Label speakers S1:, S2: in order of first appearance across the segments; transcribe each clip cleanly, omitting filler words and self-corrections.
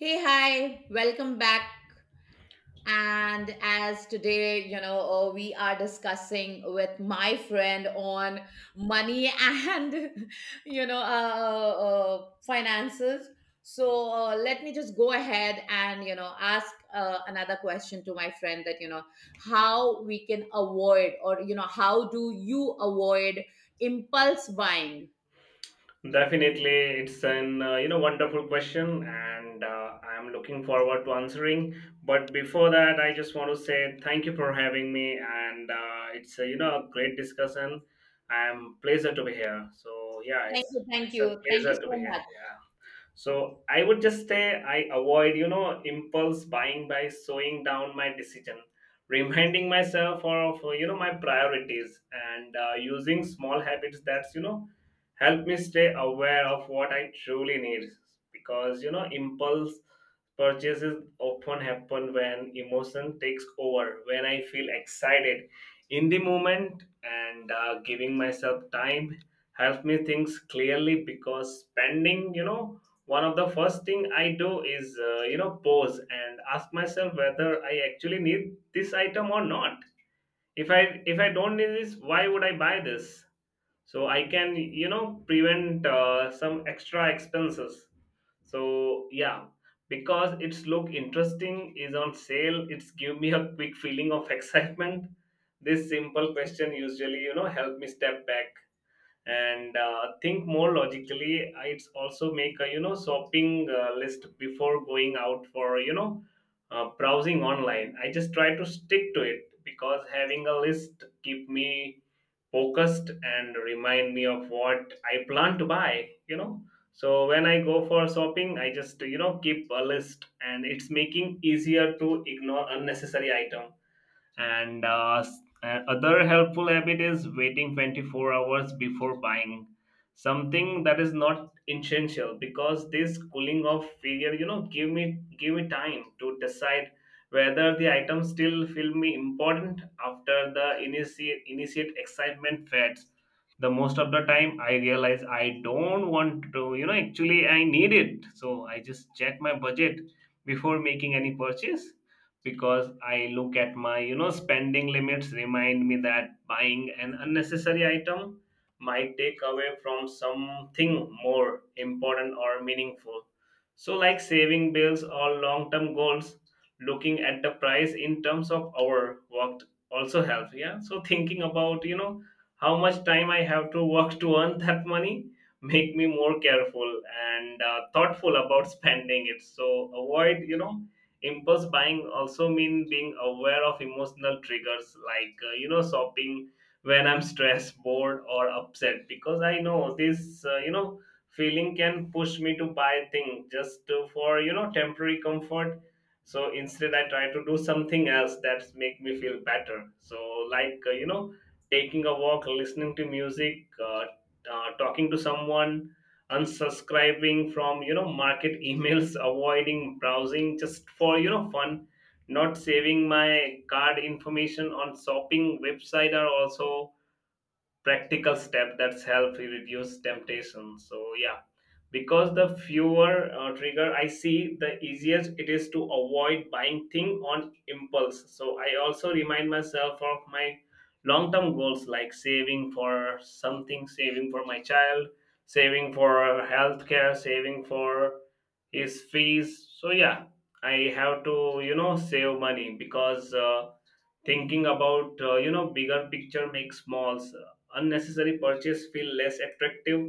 S1: Hey, hi, welcome back. And as today, you know, We are discussing with my friend on money and, finances. Let me just go ahead and ask another question to my friend how we can avoid or how do you avoid impulse buying?
S2: Definitely, it's an you know wonderful question, and I'm looking forward to answering. But before that, I just want to say thank you for having me, and it's a, you know a great discussion. I'm pleasure to be here. So yeah,
S1: Thank
S2: it's
S1: you, thank
S2: it's a
S1: you, thank you
S2: pleasure to
S1: so
S2: be here.
S1: much.
S2: Yeah. So I would just say I avoid, you know, impulse buying by slowing down my decision, reminding myself of, you know, my priorities and using small habits that's, you know, help me stay aware of what I truly need. Because, you know, impulse purchases often happen when emotion takes over, when I feel excited in the moment, and giving myself time help me think clearly because spending, you know, one of the first thing I do is you know pause and ask myself whether I actually need this item or not. If I don't need this, why would I buy this? So I can, you know, prevent some extra expenses. So yeah, because it's look interesting, is on sale, it's give me a quick feeling of excitement. This simple question usually, you know, help me step back and think more logically. It's also make a, you know, shopping list before going out for, you know, browsing online. I just try to stick to it because having a list keep me focused and remind me of what I plan to buy, you know. So when I go for shopping, I just, you know, keep a list, and it's making easier to ignore unnecessary item. And other helpful habit is waiting 24 hours before buying something that is not essential, because this cooling off period, you know, give me time to decide whether the item still feel me important after the initiate excitement fades. The most of the time I realize I don't want to, you know, actually I need it. So I just check my budget before making any purchase, because I look at my, you know, spending limits, remind me that buying an unnecessary item might take away from something more important or meaningful. So like saving bills or long-term goals, looking at the price in terms of hour worked also helps. Yeah. So thinking about, you know, how much time I have to work to earn that money make me more careful and thoughtful about spending it. So avoid, you know, impulse buying also mean being aware of emotional triggers, like you know shopping when I'm stressed, bored, or upset, because I know this you know feeling can push me to buy things just to, for you know temporary comfort. So instead I try to do something else that make me feel better. So like you know, taking a walk, listening to music, talking to someone, unsubscribing from, you know, market emails, avoiding browsing just for, you know, fun, not saving my card information on shopping website are also practical step that's help reduce temptation. So yeah, because the fewer trigger I see, the easier it is to avoid buying thing on impulse. So I also remind myself of my long term goals, like saving for something, saving for my child, saving for healthcare, saving for his fees. So yeah, I have to, you know, save money, because thinking about you know bigger picture makes smalls unnecessary purchase feel less attractive.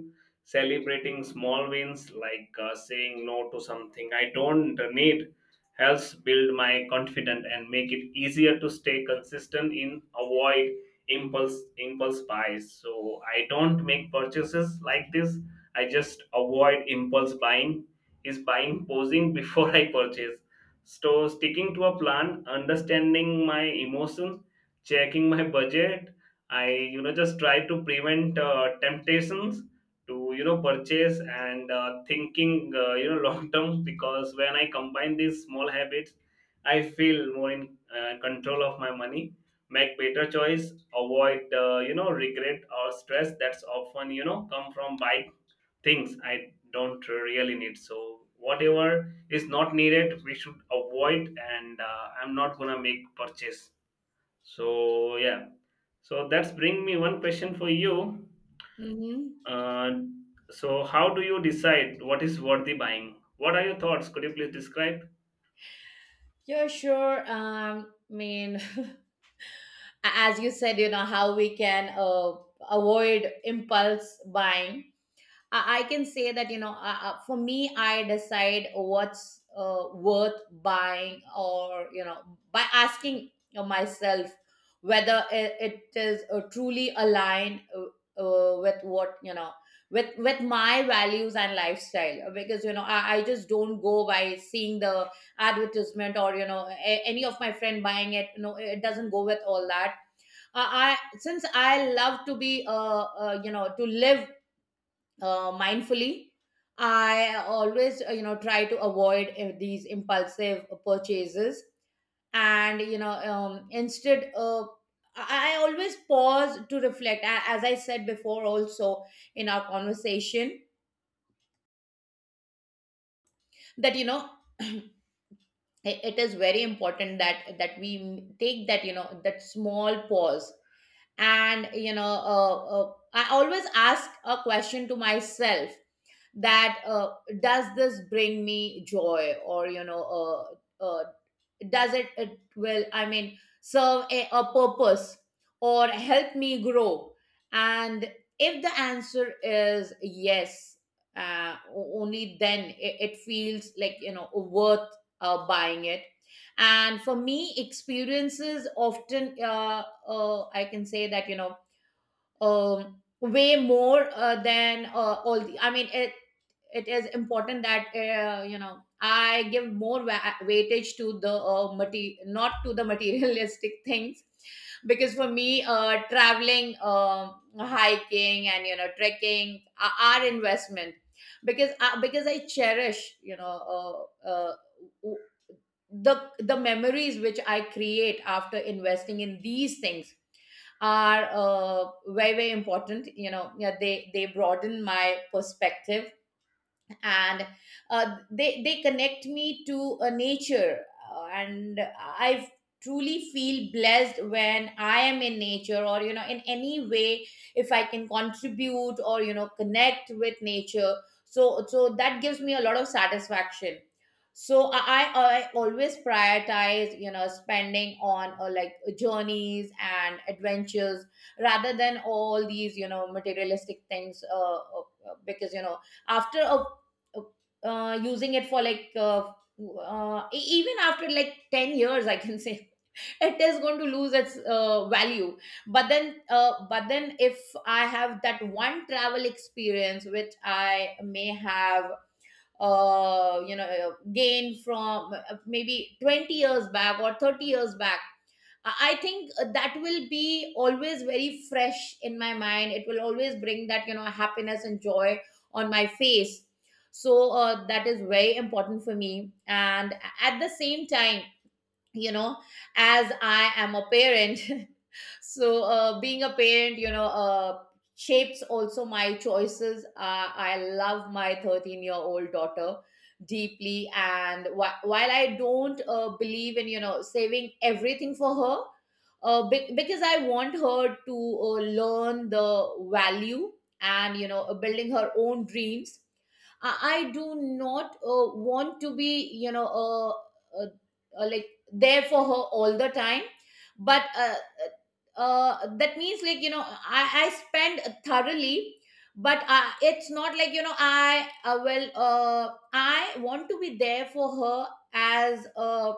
S2: Celebrating small wins like saying no to something I don't need helps build my confidence and make it easier to stay consistent in avoid impulse buys. So I don't make purchases like this. I just avoid impulse buying. Is buying posing before I purchase. So sticking to a plan, understanding my emotions, checking my budget, I, you know, just try to prevent temptations to, you know, purchase, and thinking, you know, long term, because when I combine these small habits, I feel more in control of my money, make better choice, avoid you know regret or stress that's often, you know, come from buying things I don't really need. So whatever is not needed, we should avoid, and I'm not gonna make purchase. So yeah. So that's bring me one question for you.
S1: Hmm.
S2: Uh, so how do you decide what is worthy buying? What are your thoughts? Could you please describe?
S1: Yeah, sure. I mean, as you said, how we can avoid impulse buying. I can say that, you know, for me, I decide what's worth buying, or you know by asking myself whether it is truly aligned, with what you know with my values and lifestyle. Because you know, I just don't go by seeing the advertisement, or you know, any of my friend buying it. No, it doesn't go with all that. I since I love to be you know, to live mindfully. I always, try to avoid these impulsive purchases. And you know, instead, I always pause to reflect. As I said before also in our conversation, that you know, it is very important that we take that, you know, that small pause. And you know, I always ask a question to myself, that does this bring me joy, or does it will, I mean, serve a purpose or help me grow? And if the answer is yes, only then it feels like, you know, worth buying it. And for me, experiences often, I can say that, you know, way more than all the, I mean, it is important that, I give more weightage to the not to the materialistic things. Because for me, traveling, um, hiking, and you know, trekking are investment. Because I cherish, you know, the memories which I create after investing in these things are very very important, you know. Yeah, they broaden my perspective. And they they connect me to a nature. And I truly feel blessed when I am in nature, or you know, in any way, if I can contribute, or you know, connect with nature. So that gives me a lot of satisfaction. So I always prioritize, you know, spending on like journeys and adventures, rather than all these, you know, materialistic things. Because you know, after a using it for like, even after like 10 years, I can say it is going to lose its value. But then, but then if I have that one travel experience which I may have gained from, maybe 20 years back or 30 years back, I think that will be always very fresh in my mind. It will always bring that, you know, happiness and joy on my face. So that is very important for me. And at the same time, you know, as I am a parent, so, being a parent, you know, shapes also my choices. I love my 13-year-old daughter deeply. And while I don't believe in, you know, saving everything for her, because I want her to learn the value, and, you know, building her own dreams. I, I do not want to be, you know, like there for her all the time. But that means like, you know, I spend thoroughly, but it's not like, you know, I want to be there for her as a,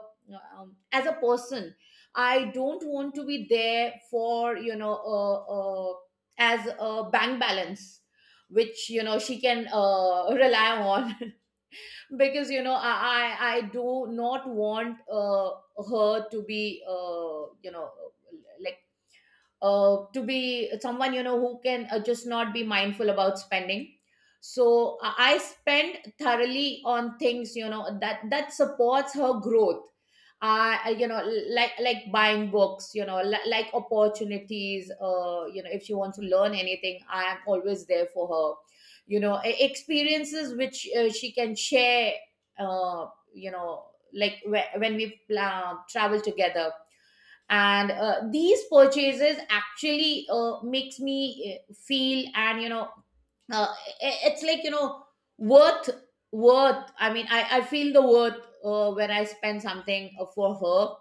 S1: as a person. I don't want to be there for, you know, as a bank balance which, you know, she can rely on. Because you know, I do not want, her to be, like, to be someone, you know, who can, just not be mindful about spending. So I spend thoroughly on things, you know, that supports her growth. uh, you know like buying books, you know, like opportunities. If she wants to learn anything, I am always there for her, you know. Experiences which she can share, uh, like when we travel together. And these purchases actually makes me feel, and you know, uh, it's like, you know, worth. I feel the worth when I spend something for her.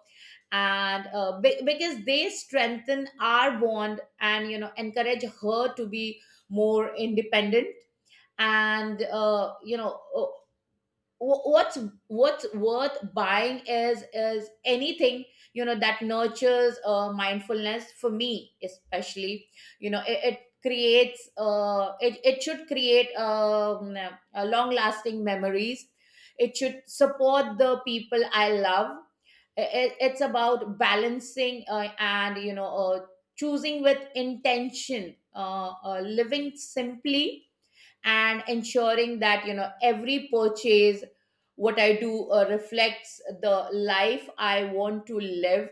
S1: And because they strengthen our bond, and you know, encourage her to be more independent. And what's worth buying is anything, you know, that nurtures mindfulness, for me especially. You know, it creates, it should create, long lasting memories. It should support the people I love. It's about balancing and choosing with intention, living simply, and ensuring that, you know, every purchase what I do reflects the life I want to live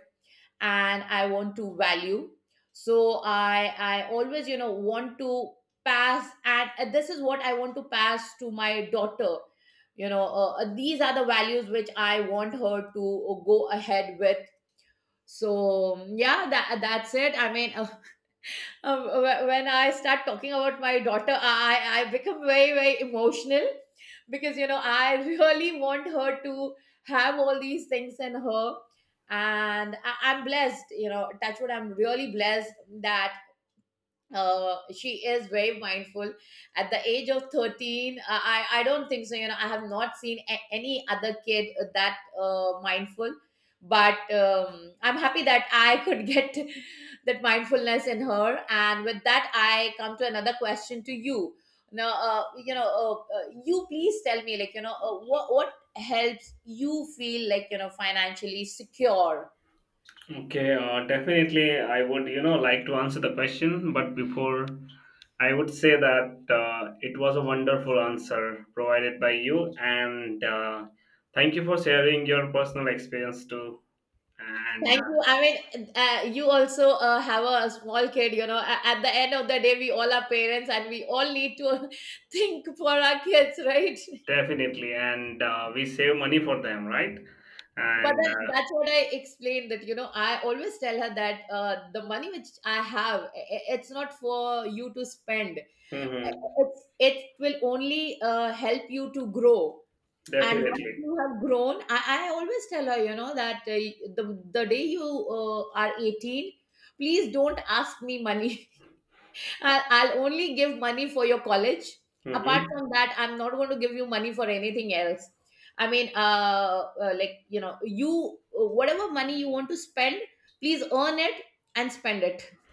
S1: and I want to value. So I always, you know, want to pass and this is what I want to pass to my daughter. You know, these are the values which I want her to go ahead with. So yeah, that's it, I mean. When I start talking about my daughter, I become very very emotional. Because you know, I really want her to have all these things in her. And I'm blessed. You know, touch wood, I'm really blessed that she is very mindful at the age of 13. I don't think so. You know, I have not seen, any other kid that mindful. But I'm happy that I could get that mindfulness in her. And with that, I come to another question to you now. You please tell me, like, you know, what helps you feel like, you know, financially secure?
S2: Okay, definitely I would, you know, like to answer the question, but before I would say that it was a wonderful answer provided by you, and thank you for sharing your personal experience too. And
S1: Thank you. I mean, you also have a small kid, you know. At the end of the day, we all are parents, and we all need to think for our kids, right?
S2: definitely, and we save money for them, right?
S1: But
S2: And
S1: then that's what I explained that, you know, I always tell her that, the money which I have, it's not for you to spend. I-
S2: mhm,
S1: It's, it will only help you to grow. And once
S2: definitely.
S1: you have grown, I always tell her, you know, that the day you are 18, please don't ask me money. I'll only give money for your college. Apart
S2: Hmm.
S1: from that, I'm not going to give you money for anything else. I mean, like, you know, whatever money you want to spend, please earn it and spend it.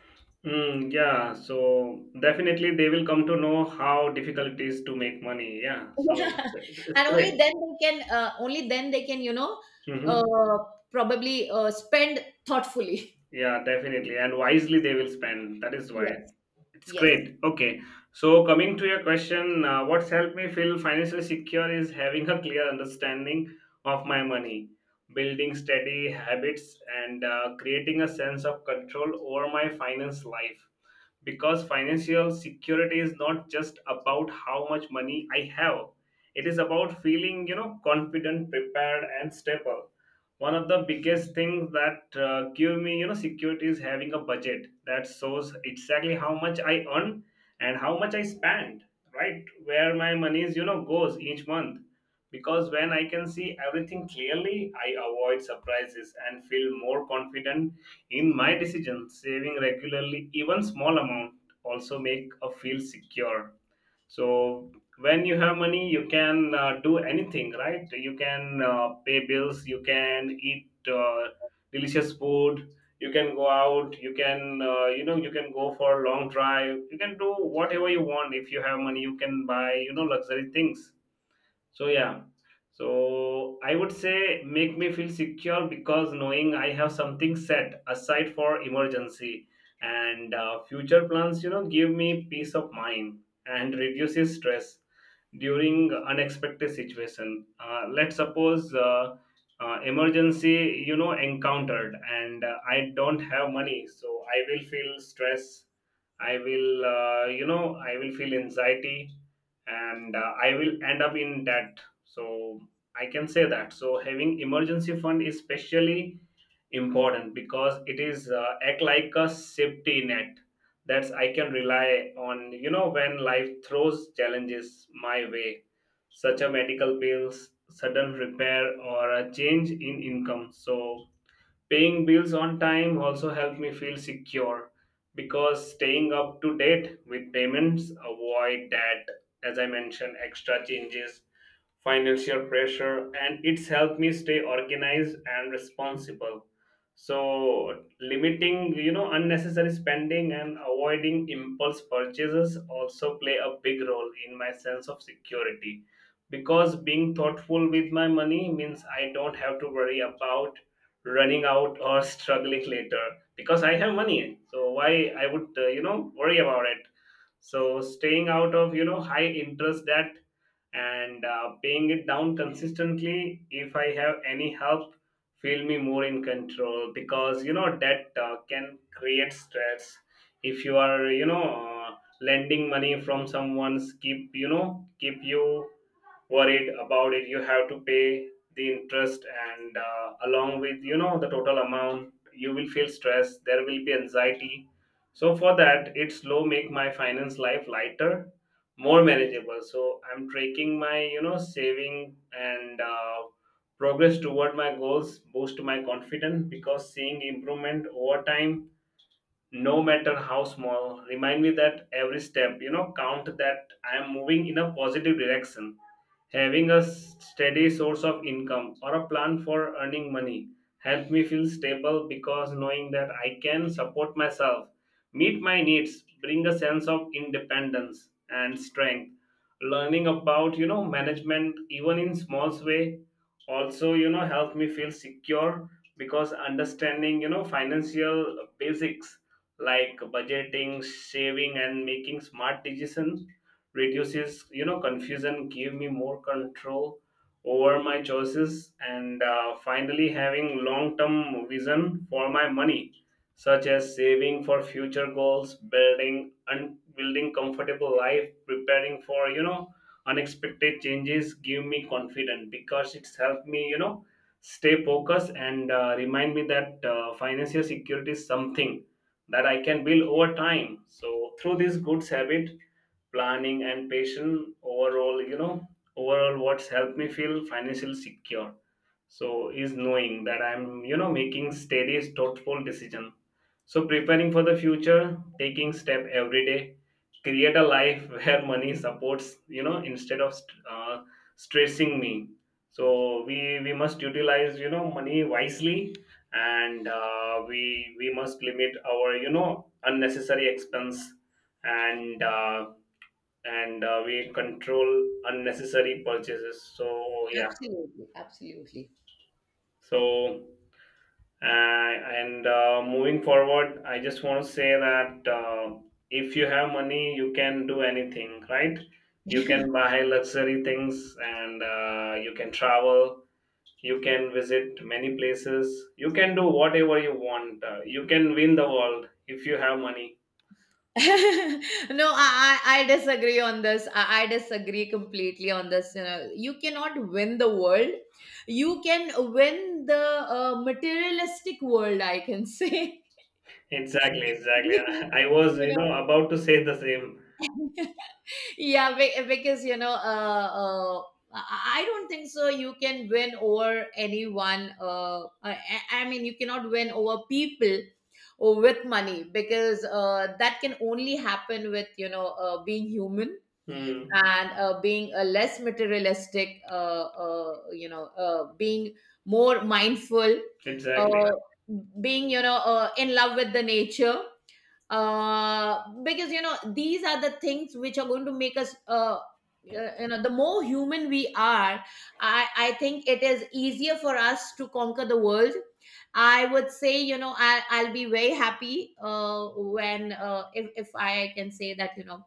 S2: Mm, yeah, so definitely they will come to know how difficult it is to make money. Yeah, so
S1: Yeah.
S2: it's
S1: And only
S2: great.
S1: then they can, you know,
S2: Hmm.
S1: uh, probably spend thoughtfully.
S2: Yeah, definitely. And wisely they will spend. That is why.
S1: Yes.
S2: It's
S1: Yes.
S2: great. Okay. So, coming to your question, what's helped me feel financially secure is having a clear understanding of my money, building steady habits, and creating a sense of control over my finance life, because financial security is not just about how much money I have. It is about feeling, you know, confident, prepared, and stable. One of the biggest things that give me, you know, security is having a budget that shows exactly how much I earn and how much I spend, right, where my money is, you know, goes each month, because when I can see everything clearly, I avoid surprises and feel more confident in my decision. Saving regularly, even small amount, also make a feel secure. So when you have money, you can do anything, right? You can pay bills, you can eat delicious food, you can go out, you can you know you can go for a long drive, you can do whatever you want. If you have money, you can buy, you know, luxury things. So yeah. So I would say make me feel secure because knowing I have something set aside for emergency and future plans, you know, give me peace of mind and reduces stress during unexpected situation. Uh, let's suppose Emergency, you know, encountered, and I don't have money, so I will feel stress, I will, you know, I will feel anxiety, and I will end up in debt. So I can say that, so having emergency fund is especially important because it is act like a safety net that's I can rely on, you know, when life throws challenges my way, such a medical bills, sudden repair, or a change in income. So paying bills on time also helped me feel secure, because staying up to date with payments avoid that, as I mentioned, extra changes, financial pressure, and it's helped me stay organized and responsible. So limiting, you know, unnecessary spending and avoiding impulse purchases also play a big role in my sense of security, because being thoughtful with my money means I don't have to worry about running out or struggling later, because I have money, so why I would, you know, worry about it. So staying out of, you know, high interest debt and paying it down consistently if I have any help feel me more in control, because, you know, debt can create stress. If you are, you know, lending money from someone's, keep, you know, keep you worried about it, you have to pay the interest and, along with, you know, the total amount, you will feel stress, there will be anxiety. So for that, it's low make my finance life lighter, more manageable. So I'm tracking my, you know, saving and progress toward my goals boost my confidence, because seeing improvement over time, no matter how small, remind me that every step, you know, count that I am moving in a positive direction. Having a steady source of income or a plan for earning money helped me feel stable, because knowing that I can support myself, meet my needs, bring a sense of independence and strength. Learning about, you know, management even in small way also, you know, helped me feel secure, because understanding, you know, financial basics like budgeting, saving, and making smart decisions reduces, you know, confusion, give me more control over my choices. And finally, having long term vision for my money, such as saving for future goals, building and building comfortable life, preparing for, you know, unexpected changes, give me confidence, because it's helped me, you know, stay focused. And remind me that financial security is something that I can build over time, so through this good habit, planning and patience. Overall, you know, overall what's helped me feel financially secure, so, is knowing that I'm, you know, making steady thoughtful decision, so preparing for the future, taking step every day, create a life where money supports, you know, instead of stressing me. So we must utilize, you know, money wisely, and we must limit our, you know, unnecessary expense, and we control unnecessary purchases. So yeah.
S1: Absolutely. Absolutely.
S2: So uh, and moving forward, I just want to say that if you have money, you can do anything, right? You can buy luxury things, and you can travel, you can visit many places, you can do whatever you want, you can win the world if you have money.
S1: No, I disagree on this. I disagree completely on this. You know, you cannot win the world. You can win the materialistic world, I can say.
S2: Exactly, exactly.
S1: Because,
S2: I was, you
S1: you know,
S2: know, about to say the same.
S1: yeah, because you know, I don't think so. You can win over anyone. I mean, you cannot win over people or with money, because that can only happen with, you know, being human.
S2: Hmm,
S1: And being a less materialistic, being more mindful, uh,
S2: exactly.
S1: being, you know, in love with the nature. Because you know, these are the things which are going to make us, you know, the more human we are, I think it is easier for us to conquer the world. I would say, you know, I'll be very happy when, if I can say that, you know,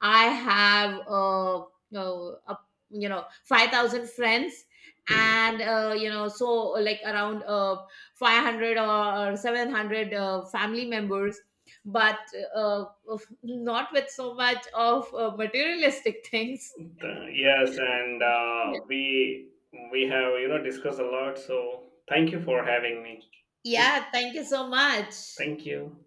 S1: I have uh, a, you know, 5,000 friends, and you know, so like around 500 or 700 family members, but not with so much of materialistic things.
S2: Yes, and
S1: Yeah.
S2: we have, you know, discussed a lot. So thank you for having me. Thank
S1: Yeah, thank you so much.
S2: Thank you.